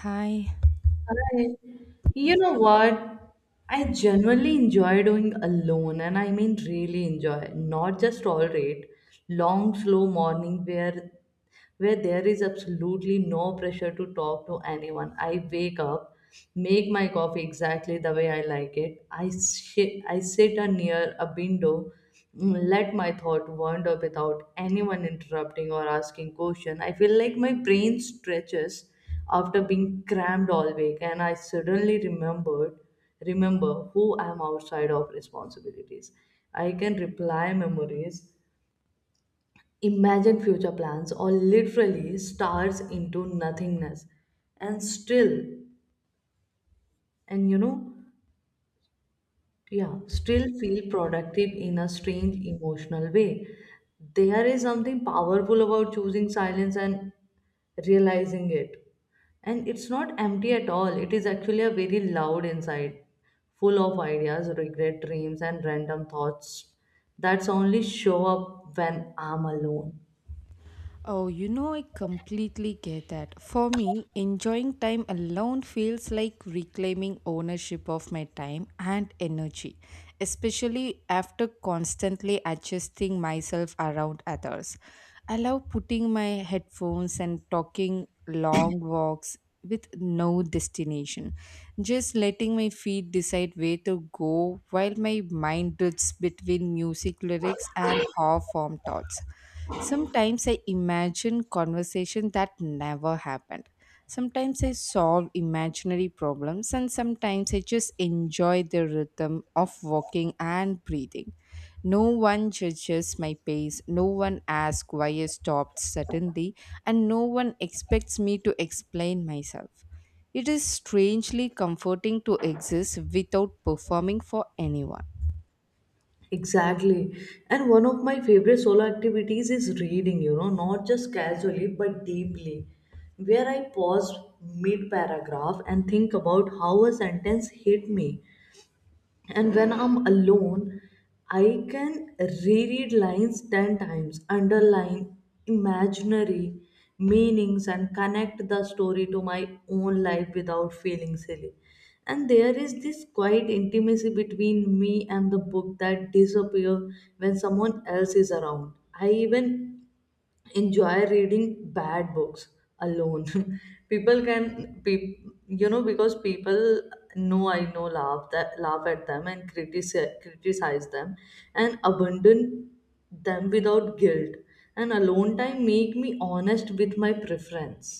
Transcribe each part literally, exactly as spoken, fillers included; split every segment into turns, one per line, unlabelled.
Hi.
I, you know what? I genuinely enjoy doing alone, and I mean really enjoy, not just tolerate long, slow morning where where there is absolutely no pressure to talk to anyone. I wake up, make my coffee exactly the way I like it. I sit, I sit uh, near a window, mm, let my thought wander without anyone interrupting or asking question. I feel like my brain stretches after being crammed all week, and I suddenly remembered remember who I am outside of responsibilities. I can reply memories, imagine future plans, or literally stars into nothingness. And still and you know yeah still feel productive in a strange emotional way. There is something powerful about choosing silence and realizing it, and it's not empty at all. It is actually a very loud inside, full of ideas, regret, dreams, and random thoughts that's only show up when I'm alone.
Oh, you know, I completely get that. For me, enjoying time alone feels like reclaiming ownership of my time and energy, especially after constantly adjusting myself around others. I love putting my headphones and talking long walks with no destination, just letting my feet decide where to go while my mind drifts between music lyrics and half formed thoughts. Sometimes I imagine conversation that never happened. Sometimes I solve imaginary problems and sometimes I just enjoy the rhythm of walking and breathing. No one judges my pace, no one asks why I stopped suddenly, and no one expects me to explain myself. It is strangely comforting to exist without performing for anyone.
Exactly. And one of my favorite solo activities is reading, you know, not just casually but deeply, where I pause mid paragraph and think about how a sentence hit me. And when I'm alone, I can reread lines ten times, underline imaginary meanings, and connect the story to my own life without feeling silly. And there is this quiet intimacy between me and the book that disappears when someone else is around. I even enjoy reading bad books alone people can pe- you know because people know I know laugh that laugh at them and criticize criticize them and abandon them without guilt. And alone time make me honest with my preference.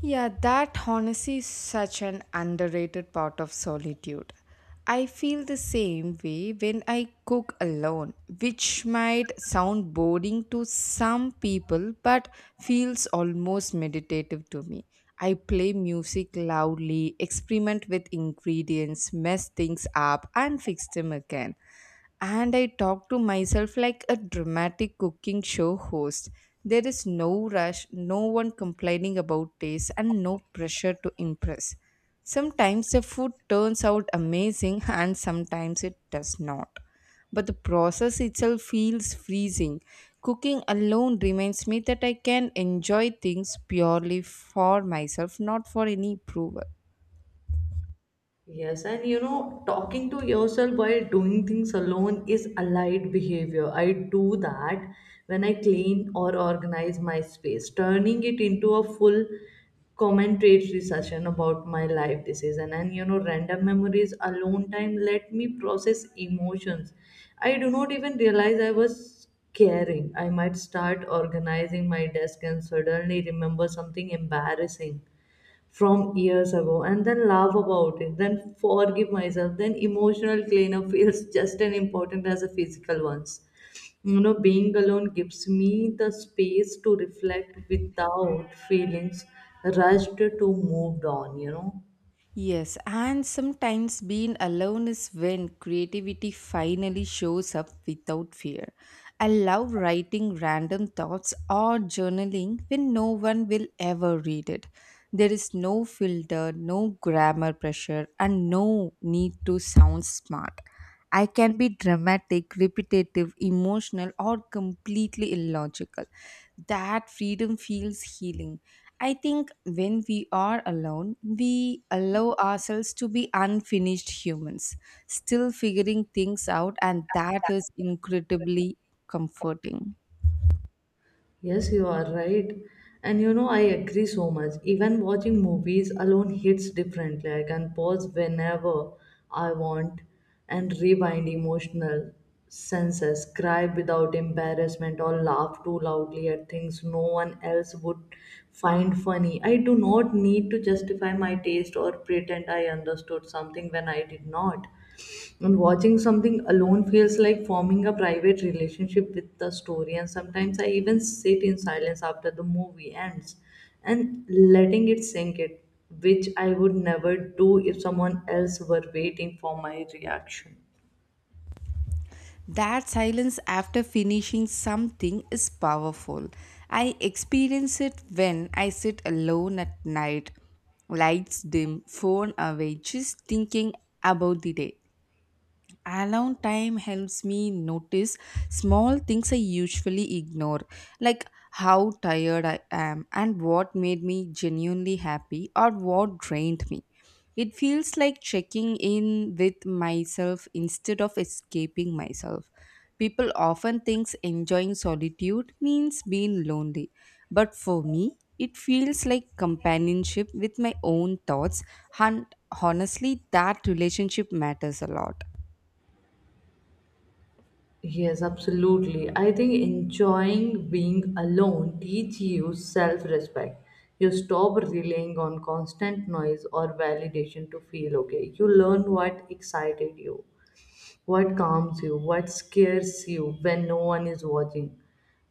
Yeah, that honestly is such an underrated part of solitude. I feel the same way when I cook alone, which might sound boring to some people but feels almost meditative to me. I play music loudly, experiment with ingredients, mess things up, and fix them again and I talk to myself like a dramatic cooking show host. There is no rush, no one complaining about taste, and no pressure to impress. Sometimes the food turns out amazing, and sometimes it does not. But the process itself feels freezing. Cooking alone reminds me that I can enjoy things purely for myself, not for any approval.
Yes, and you know, talking to yourself while doing things alone is allied behavior. I do that when I clean or organize my space, turning it into a full commentary session about my life decision. And you know, random memories, alone time let me process emotions. I do not even realize I was caring. I might start organizing my desk and suddenly remember something embarrassing from years ago and then laugh about it, then forgive myself, then emotional cleanup feels just as important as the physical ones. You know, being alone gives me the space to reflect without feelings rushed to moved on, you know.
Yes, and sometimes being alone is when creativity finally shows up without fear. I love writing random thoughts or journaling when no one will ever read it. There is no filter, no grammar pressure, and no need to sound smart. I can be dramatic, repetitive, emotional, or completely illogical. That freedom feels healing. I think when we are alone, we allow ourselves to be unfinished humans, still figuring things out, and that is incredibly comforting.
Yes, you are right. And you know, I agree so much. Even watching movies alone hits differently. I can pause whenever I want and rewind emotional senses, cry without embarrassment, or laugh too loudly at things no one else would find funny. I do not need to justify my taste or pretend I understood something when I did not. And watching something alone feels like forming a private relationship with the story. And sometimes I even sit in silence after the movie ends and letting it sink it, which I would never do if someone else were waiting for my reaction.
That silence after finishing something is powerful. I experience it when I sit alone at night, lights dim, phone away, just thinking about the day. Alone time helps me notice small things I usually ignore, like how tired I am and what made me genuinely happy or what drained me. It feels like checking in with myself instead of escaping myself. People often think enjoying solitude means being lonely, but for me, it feels like companionship with my own thoughts, and honestly, that relationship matters a lot.
Yes, absolutely. I think enjoying being alone teach you self-respect. You stop relying on constant noise or validation to feel okay. You learn what excited you. What calms you? What scares you when no one is watching?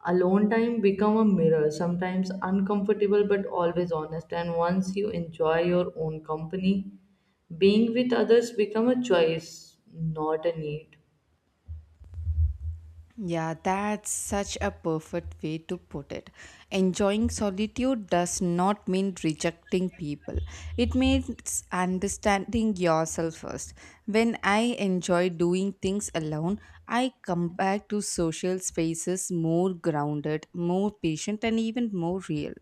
Alone time become a mirror, sometimes uncomfortable but always honest. And once you enjoy your own company, being with others become a choice, not a need.
Yeah, that's such a perfect way to put it. Enjoying solitude does not mean rejecting people. It means understanding yourself first. When I enjoy doing things alone, I come back to social spaces more grounded, more patient, and even more real.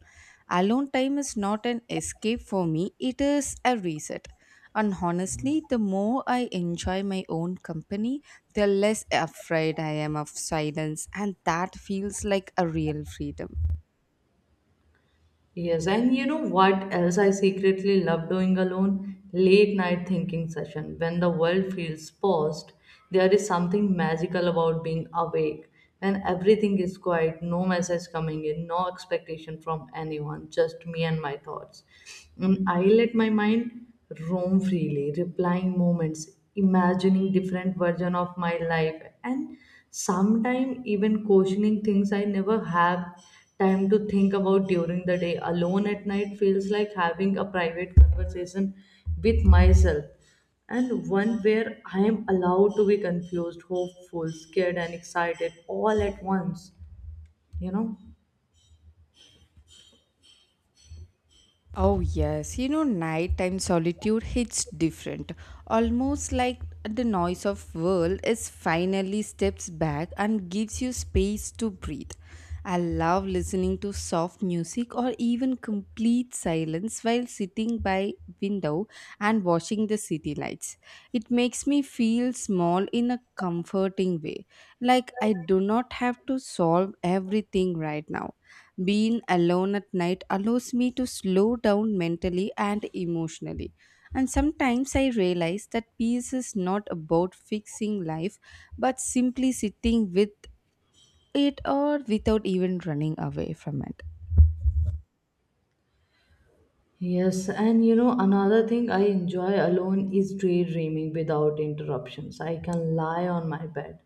Alone time is not an escape for me, it is a reset. And honestly, the more I enjoy my own company, the less afraid I am of silence, and that feels like a real freedom.
Yes, and you know what else I secretly love doing alone? Late night thinking session. When the world feels paused, there is something magical about being awake. When everything is quiet, no message coming in, no expectation from anyone, just me and my thoughts. And I let my mind roam freely, replying moments, imagining different version of my life. And sometimes even questioning things I never have time to think about during the day. Alone at night feels like having a private conversation with myself, and one where I am allowed to be confused, hopeful, scared, and excited all at once. You know?
Oh, yes. You know, nighttime solitude hits different. Almost like the noise of world is finally steps back and gives you space to breathe. I love listening to soft music or even complete silence while sitting by window and watching the city lights. It makes me feel small in a comforting way, like I do not have to solve everything right now. Being alone at night allows me to slow down mentally and emotionally. And sometimes I realize that peace is not about fixing life, but simply sitting with it or without even running away from it.
Yes, and you know, another thing I enjoy alone is daydreaming without interruptions. I can lie on my bed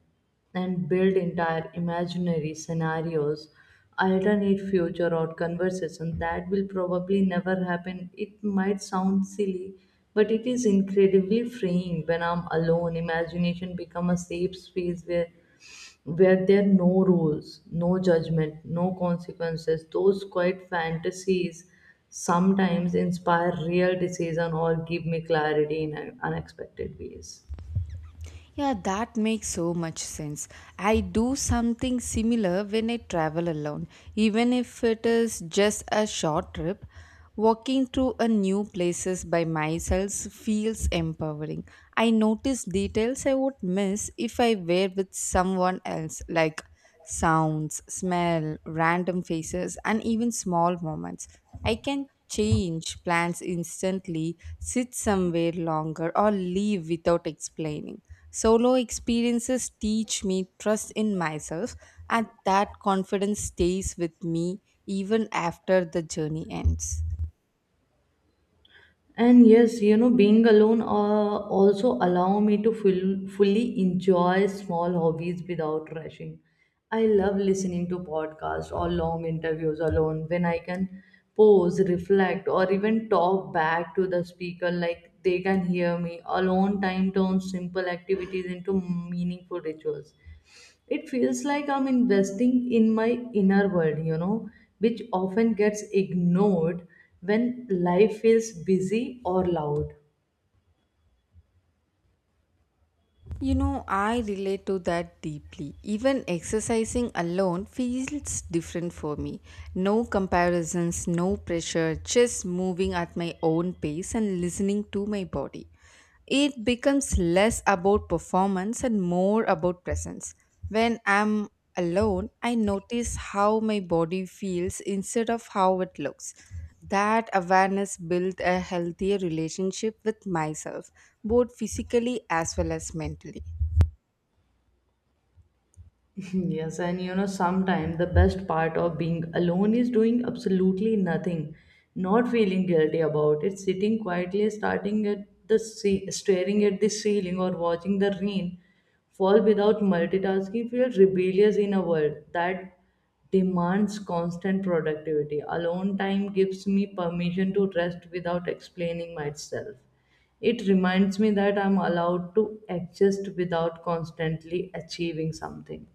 and build entire imaginary scenarios, alternate future or conversation that will probably never happen. It might sound silly, but it is incredibly freeing when I'm alone. Imagination become a safe space where where there are no rules, no judgment, no consequences. Those quiet fantasies sometimes inspire real decision or give me clarity in unexpected ways.
Yeah, that makes so much sense. I do something similar when I travel alone, even if it is just a short trip. Walking through a new places by myself feels empowering. I notice details I would miss if I were with someone else, like sounds, smell, random faces, and even small moments. I can change plans instantly, sit somewhere longer, or leave without explaining. Solo experiences teach me trust in myself, and that confidence stays with me even after the journey ends.
And yes, you know, being alone uh, also allow me to full, fully enjoy small hobbies without rushing. I love listening to podcasts or long interviews alone when I can pause, reflect, or even talk back to the speaker like they can hear me. Alone time turns simple activities into meaningful rituals. It feels like I'm investing in my inner world, you know, which often gets ignored when life feels busy or loud.
You know, I relate to that deeply. Even exercising alone feels different for me. No comparisons, no pressure, just moving at my own pace and listening to my body it becomes less about performance and more about presence. When I'm alone, I notice how my body feels instead of how it looks. That awareness built a healthier relationship with myself, both physically as well as mentally.
Yes, and you know, sometimes the best part of being alone is doing absolutely nothing, not feeling guilty about it, sitting quietly, starting at the sea, staring at the ceiling, or watching the rain fall without multitasking feels rebellious in a world that demands constant productivity. Alone time gives me permission to rest without explaining myself. It reminds me that I'm allowed to exist without constantly achieving something.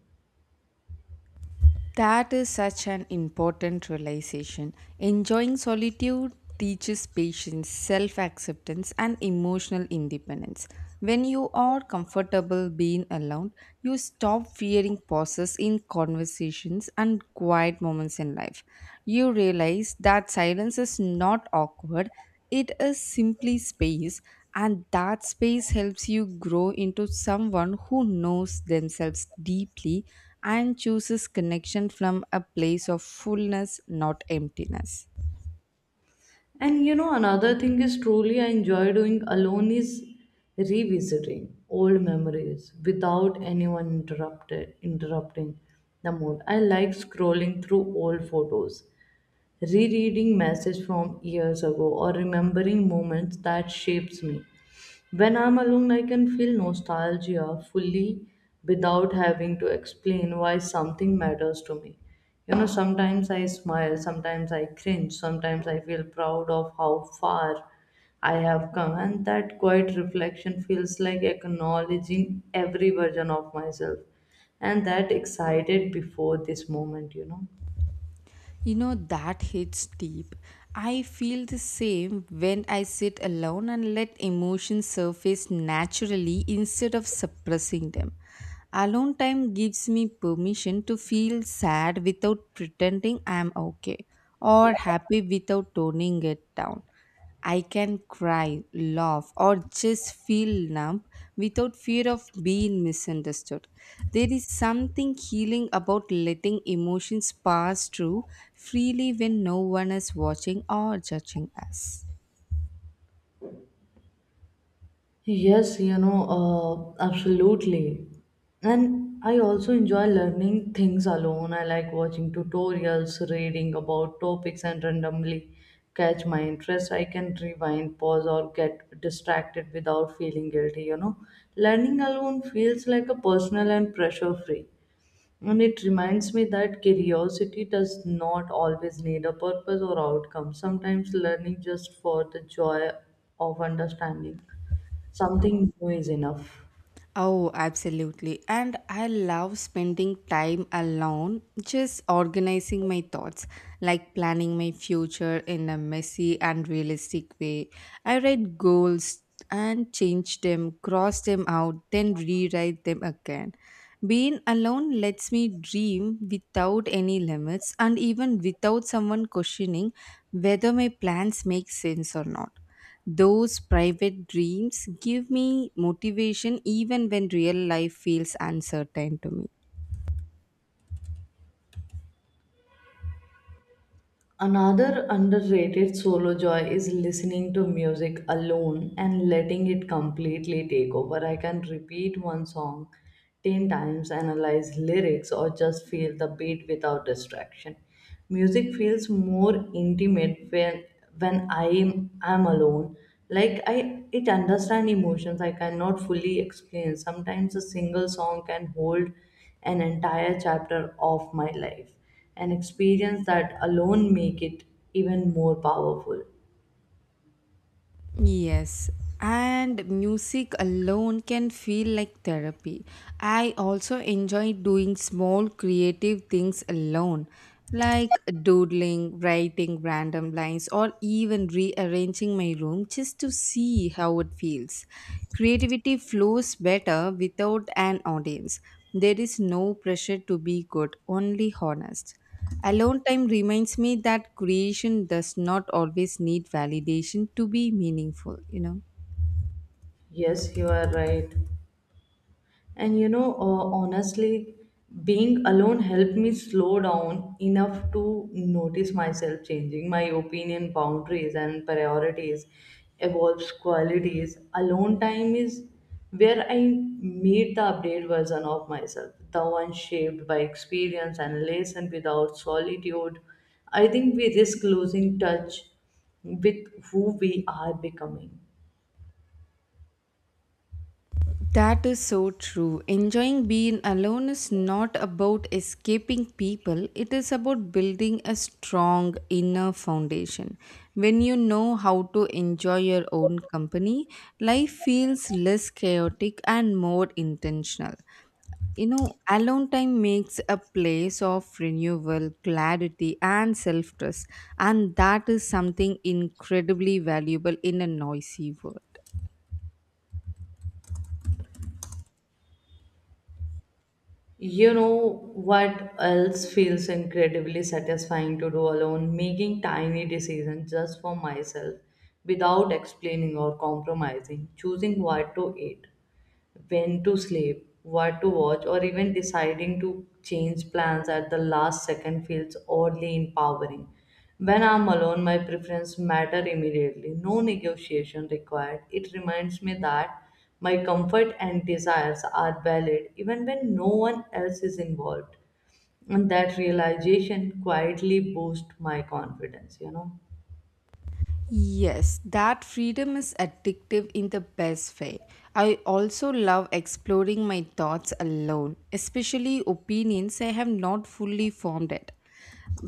That is such an important realization. Enjoying solitude teaches patience, self acceptance, and emotional independence. When you are comfortable being alone, you stop fearing pauses in conversations and quiet moments in life. You realize that silence is not awkward, it is simply space, and that space helps you grow into someone who knows themselves deeply and chooses connection from a place of fullness, not emptiness.
And you know, another thing is truly I enjoy doing alone is revisiting old memories without anyone interrupted interrupting the mood. I like scrolling through old photos, rereading messages from years ago, or remembering moments that shapes me. When I'm alone, I can feel nostalgia fully without having to explain why something matters to me. You know, sometimes I smile, sometimes I cringe, sometimes I feel proud of how far I have come, and that quiet reflection feels like acknowledging every version of myself and that excited before this moment, you know.
You know, that hits deep. I feel the same when I sit alone and let emotions surface naturally instead of suppressing them. Alone time gives me permission to feel sad without pretending I'm okay or happy without toning it down. I can cry, laugh, or just feel numb without fear of being misunderstood. There is something healing about letting emotions pass through freely when no one is watching or judging us.
Yes, you know, uh, absolutely. And I also enjoy learning things alone. I like watching tutorials, reading about topics, and randomly catch my interest. I can rewind, pause, or get distracted without feeling guilty, you know. Learning alone feels like a personal and pressure free. And it reminds me that curiosity does not always need a purpose or outcome. Sometimes learning just for the joy of understanding something new is enough.
Oh, absolutely. And I love spending time alone, just organizing my thoughts, like planning my future in a messy and realistic way. I write goals and change them, cross them out, then rewrite them again. Being alone lets me dream without any limits and even without someone questioning whether my plans make sense or not. Those private dreams give me motivation even when real life feels uncertain to me.
Another underrated solo joy is listening to music alone and letting it completely take over. I can repeat one song ten times, analyze lyrics, or just feel the beat without distraction. Music feels more intimate when, when I am I'm alone. Like I it understand emotions I cannot fully explain. Sometimes a single song can hold an entire chapter of my life, an experience that alone make it even more powerful.
Yes, and music alone can feel like therapy. I also enjoy doing small creative things alone, like doodling, writing random lines, or even rearranging my room just to see how it feels. Creativity flows better without an audience. There is no pressure to be good, only honest. Alone time reminds me that creation does not always need validation to be meaningful, you know.
Yes, you are right. And you know, uh, honestly, being alone helped me slow down enough to notice myself changing my opinion, boundaries, and priorities, evolves qualities. Alone time is where I meet the updated version of myself, the one shaped by experience and lesson without solitude. I think we risk losing touch with who we are becoming.
That is so true. Enjoying being alone is not about escaping people, it is about building a strong inner foundation. When you know how to enjoy your own company, life feels less chaotic and more intentional. You know, alone time makes a place of renewal, clarity, and self trust. And that is something incredibly valuable in a noisy world.
You know what else feels incredibly satisfying to do alone? Making tiny decisions just for myself without explaining or compromising, choosing what to eat, when to sleep, what to watch, or even deciding to change plans at the last second feels oddly empowering. When I'm alone, my preference matter immediately. No negotiation required. It reminds me that my comfort and desires are valid even when no one else is involved. And that realization quietly boosts my confidence, you know.
Yes, that freedom is addictive in the best way. I also love exploring my thoughts alone, especially opinions I have not fully formed yet.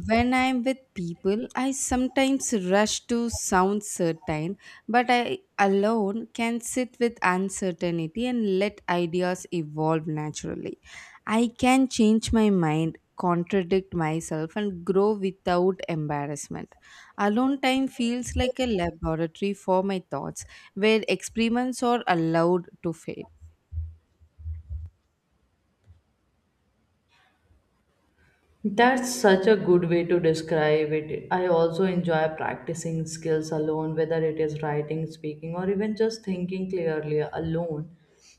When I'm with people, I sometimes rush to sound certain, but I alone can sit with uncertainty and let ideas evolve naturally. I can change my mind, contradict myself, and grow without embarrassment. Alone time feels like a laboratory for my thoughts where experiments are allowed to fail.
That's such a good way to describe it. I also enjoy practicing skills alone, whether it is writing, speaking, or even just thinking clearly alone.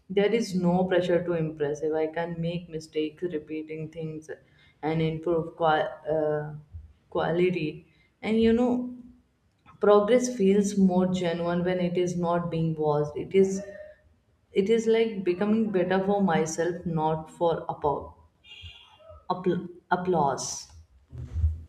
There is no pressure to impress. If I can make mistakes, repeating things, and improve qua- uh, quality, and you know, progress feels more genuine when it is not being watched. It is, it is like becoming better for myself, not for appau- appl- applause.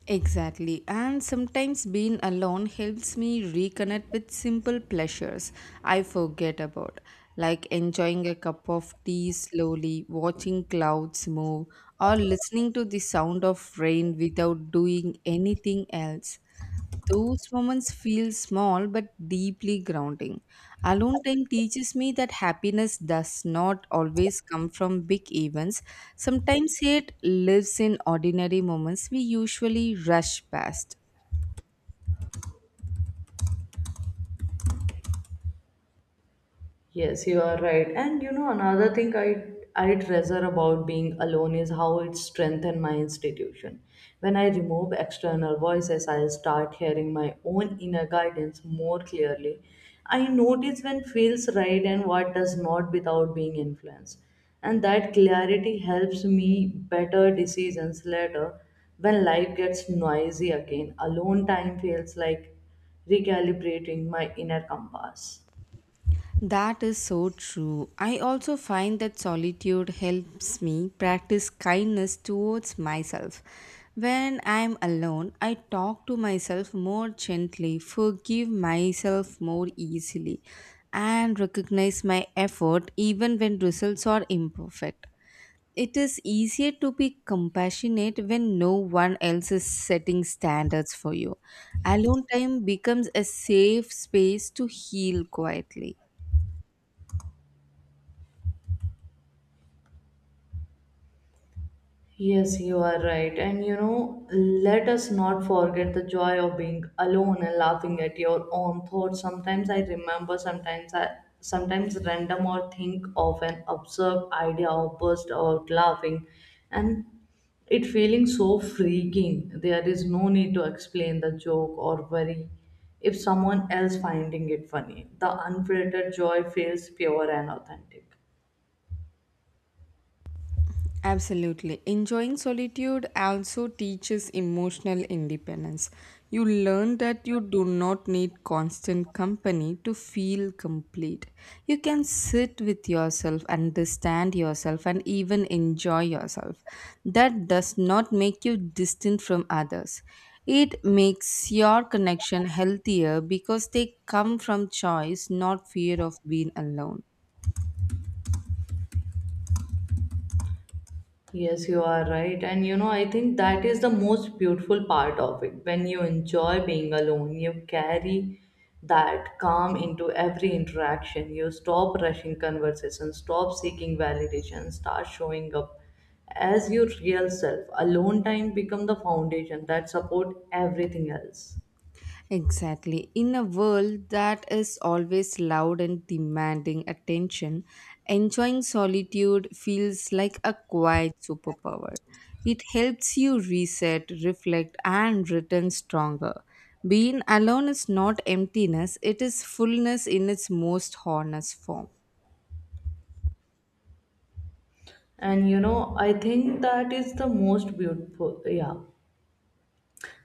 Exactly, and sometimes being alone helps me reconnect with simple pleasures I forget about, like enjoying a cup of tea slowly, watching clouds move, or listening to the sound of rain without doing anything else. Those moments feel small but deeply grounding. Alone time teaches me that happiness does not always come from big events. Sometimes it lives in ordinary moments we usually rush past.
Yes, you are right. And you know, another thing I I treasure about being alone is how it strengthened my institution. When I remove external voices, I start hearing my own inner guidance more clearly. I notice when feels right and what does not without being influenced. And that clarity helps me better decisions later when life gets noisy again. Alone time feels like recalibrating my inner compass.
That is so true. I also find that solitude helps me practice kindness towards myself. When I'm alone, I talk to myself more gently, forgive myself more easily, and recognize my effort even when results are imperfect. It is easier to be compassionate when no one else is setting standards for you. Alone time becomes a safe space to heal quietly.
Yes, you are right. And you know, let us not forget the joy of being alone and laughing at your own thoughts. Sometimes I remember, sometimes I sometimes random or think of an absurd idea or burst out laughing, and it feeling so freaking. There is no need to explain the joke or worry if someone else finding it funny. The unfiltered joy feels pure and authentic.
Absolutely. Enjoying solitude also teaches emotional independence. You learn that you do not need constant company to feel complete. You can sit with yourself, understand yourself, and even enjoy yourself. That does not make you distant from others. It makes your connection healthier because they come from choice, not fear of being alone.
Yes, you are right. And you know, I think that is the most beautiful part of it. When you enjoy being alone, you carry that calm into every interaction. You stop rushing conversations, stop seeking validation, start showing up as your real self. Alone time become the foundation that support everything else.
Exactly. In a world that is always loud and demanding attention, enjoying solitude feels like a quiet superpower. It helps you reset, reflect, and return stronger. Being alone is not emptiness, it is fullness in its most honest form.
And you know, I think that is the most beautiful. Yeah.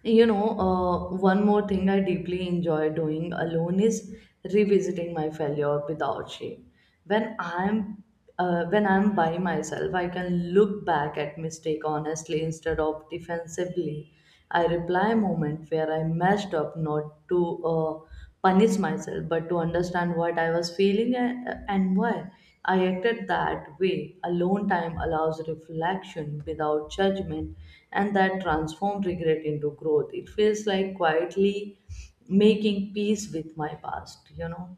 You know, uh, one more thing I deeply enjoy doing alone is revisiting my failure without shame. When I'm uh, when I'm by myself, I can look back at mistake honestly instead of defensively. I reply moment where I messed up, not to uh, punish myself, but to understand what I was feeling and, and why. I acted that way. Alone time allows reflection without judgment, and that transforms regret into growth. It feels like quietly making peace with my past, you know.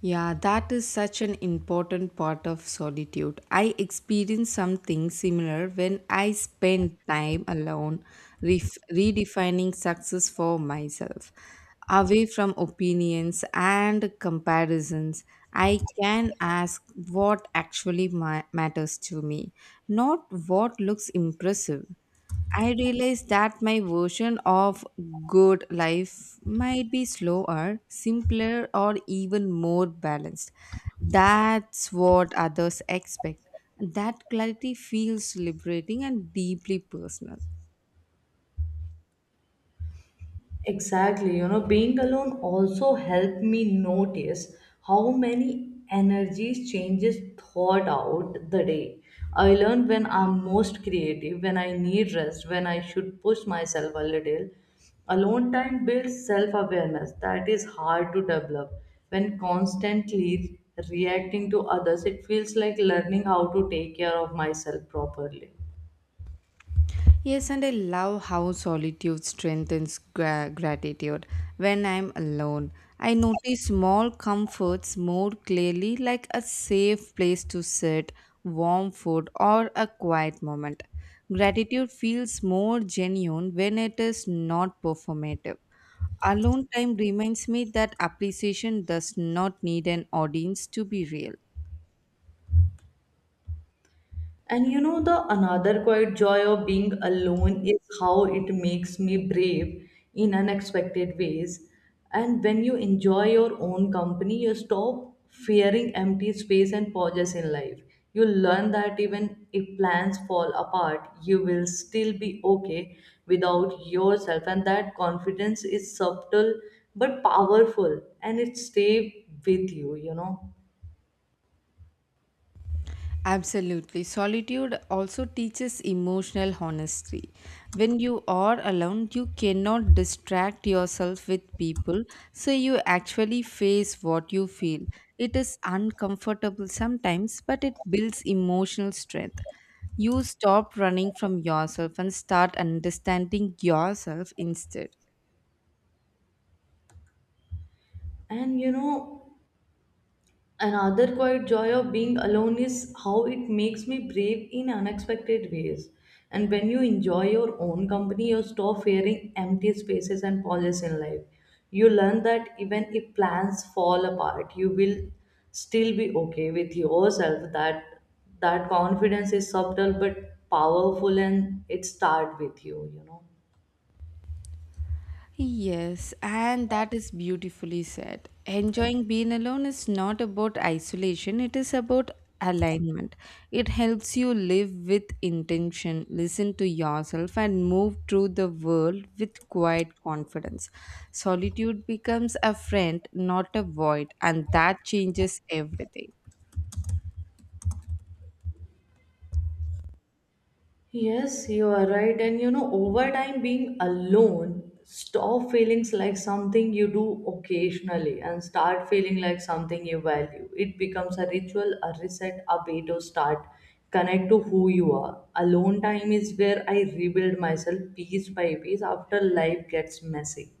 Yeah, that is such an important part of solitude. I experienced something similar when I spent time alone, ref- redefining success for myself. Away from opinions and comparisons, I can ask what actually ma- matters to me, not what looks impressive. I realized that my version of good life might be slower, simpler, or even more balanced. That's what others expect. That clarity feels liberating and deeply personal.
Exactly, you know, being alone also helped me notice how many energies changes thought out the day. I learned when I'm most creative, when I need rest, when I should push myself a little. Alone time builds self awareness that is hard to develop. When constantly reacting to others, it feels like learning how to take care of myself properly.
Yes, and I love how solitude strengthens gra- gratitude. When I'm alone, I notice small comforts more clearly, like a safe place to sit, warm food, or a quiet moment. Gratitude feels more genuine when it is not performative. Alone time reminds me that appreciation does not need an audience to be real.
And you know, the another quiet joy of being alone is how it makes me brave in unexpected ways. And when you enjoy your own company, you stop fearing empty space and pauses in life. You learn that even if plans fall apart, you will still be okay without yourself. And that confidence is subtle but powerful and it stays with you, you know.
Absolutely. Solitude also teaches emotional honesty. When you are alone, you cannot distract yourself with people, so you actually face what you feel. It is uncomfortable sometimes, but it builds emotional strength. You stop running from yourself and start understanding yourself instead.
And you know, another quiet joy of being alone is how it makes me brave in unexpected ways. And when you enjoy your own company, you stop fearing empty spaces and pauses in life. You learn that even if plans fall apart, you will still be okay with yourself. That that confidence is subtle but powerful, and it starts with you. You know.
Yes, and that is beautifully said. Enjoying being alone is not about isolation, it is about alignment. It helps you live with intention, listen to yourself, and move through the world with quiet confidence. Solitude becomes a friend, not a void, and that changes everything.
Yes, you are right. And you know, over time, being alone, stop feelings like something you do occasionally and start feeling like something you value. It becomes a ritual, a reset, a way to start connect to who you are. Alone time is where I rebuild myself piece by piece after life gets messy.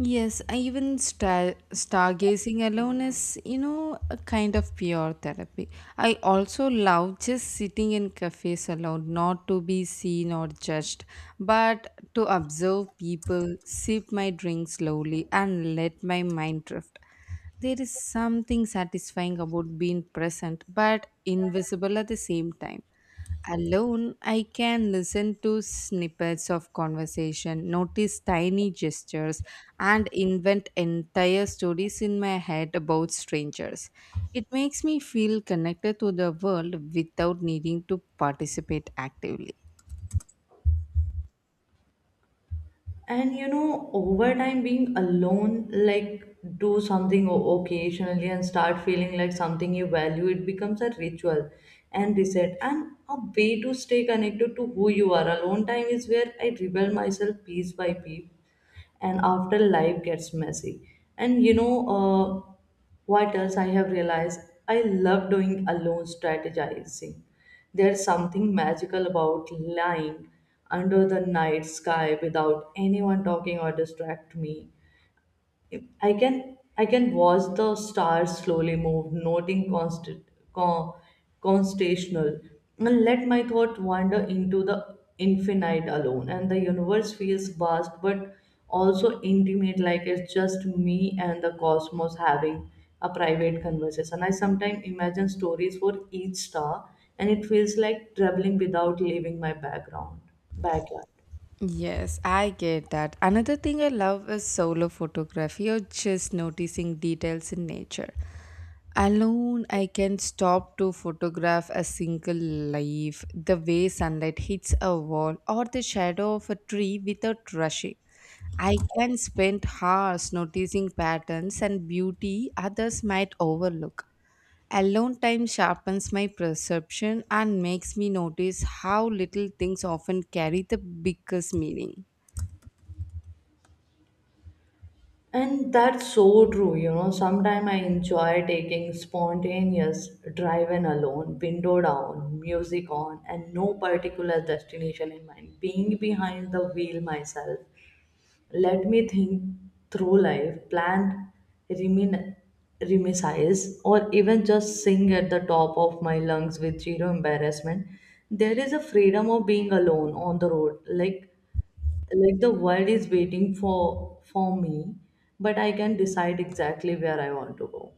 Yes, I even star- stargazing alone is, you know, a kind of pure therapy. I also love just sitting in cafes alone, not to be seen or judged, but to observe people, sip my drink slowly, and let my mind drift. There is something satisfying about being present, but invisible at the same time. Alone, I can listen to snippets of conversation, notice tiny gestures, and invent entire stories in my head about strangers. It makes me feel connected to the world without needing to participate actively.
And you know, over time, being alone, like do something o- occasionally and start feeling like something you value, it becomes a ritual and reset and a way to stay connected to who you are. Alone time is where I rebuild myself piece by piece and after life gets messy. And you know, uh, what else I have realized, I love doing alone, strategizing. There's something magical about lying under the night sky without anyone talking or distract me. I can I can watch the stars slowly move, noting constant con, constational, and let my thought wander into the infinite alone. And the universe feels vast, but also intimate, like it's just me and the cosmos having a private conversation. I sometimes imagine stories for each star, and it feels like traveling without leaving my background backyard.
Yes, I get that. Another thing I love is solo photography or just noticing details in nature. Alone, I can stop to photograph a single leaf, the way sunlight hits a wall, or the shadow of a tree without rushing. I can spend hours noticing patterns and beauty others might overlook. Alone time sharpens my perception and makes me notice how little things often carry the biggest meaning.
And that's so true, you know. Sometimes I enjoy taking spontaneous drive in alone, window down, music on, and no particular destination in mind. Being behind the wheel myself, let me think through life, plan, remin- reminisce, or even just sing at the top of my lungs with zero embarrassment. There is a freedom of being alone on the road, like like the world is waiting for for me, but I can decide exactly where I want to go.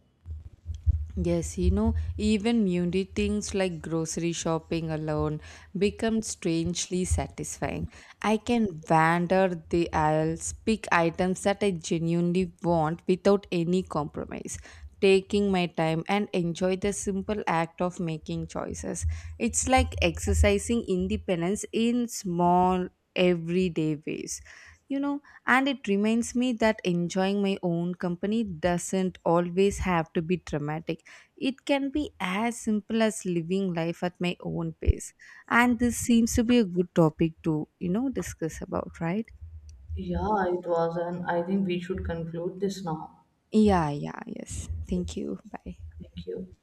Yes, you know, even mundane things like grocery shopping alone become strangely satisfying. I can wander the aisles, pick items that I genuinely want without any compromise, taking my time and enjoy the simple act of making choices. It's like exercising independence in small, everyday ways. You know, and it reminds me that enjoying my own company doesn't always have to be dramatic it can be as simple as living life at my own pace. And this seems to be a good topic to, you know, discuss about, right?
Yeah, it was, and I think we should conclude this now.
Yeah, yeah, yes. Thank you. Bye.
Thank you.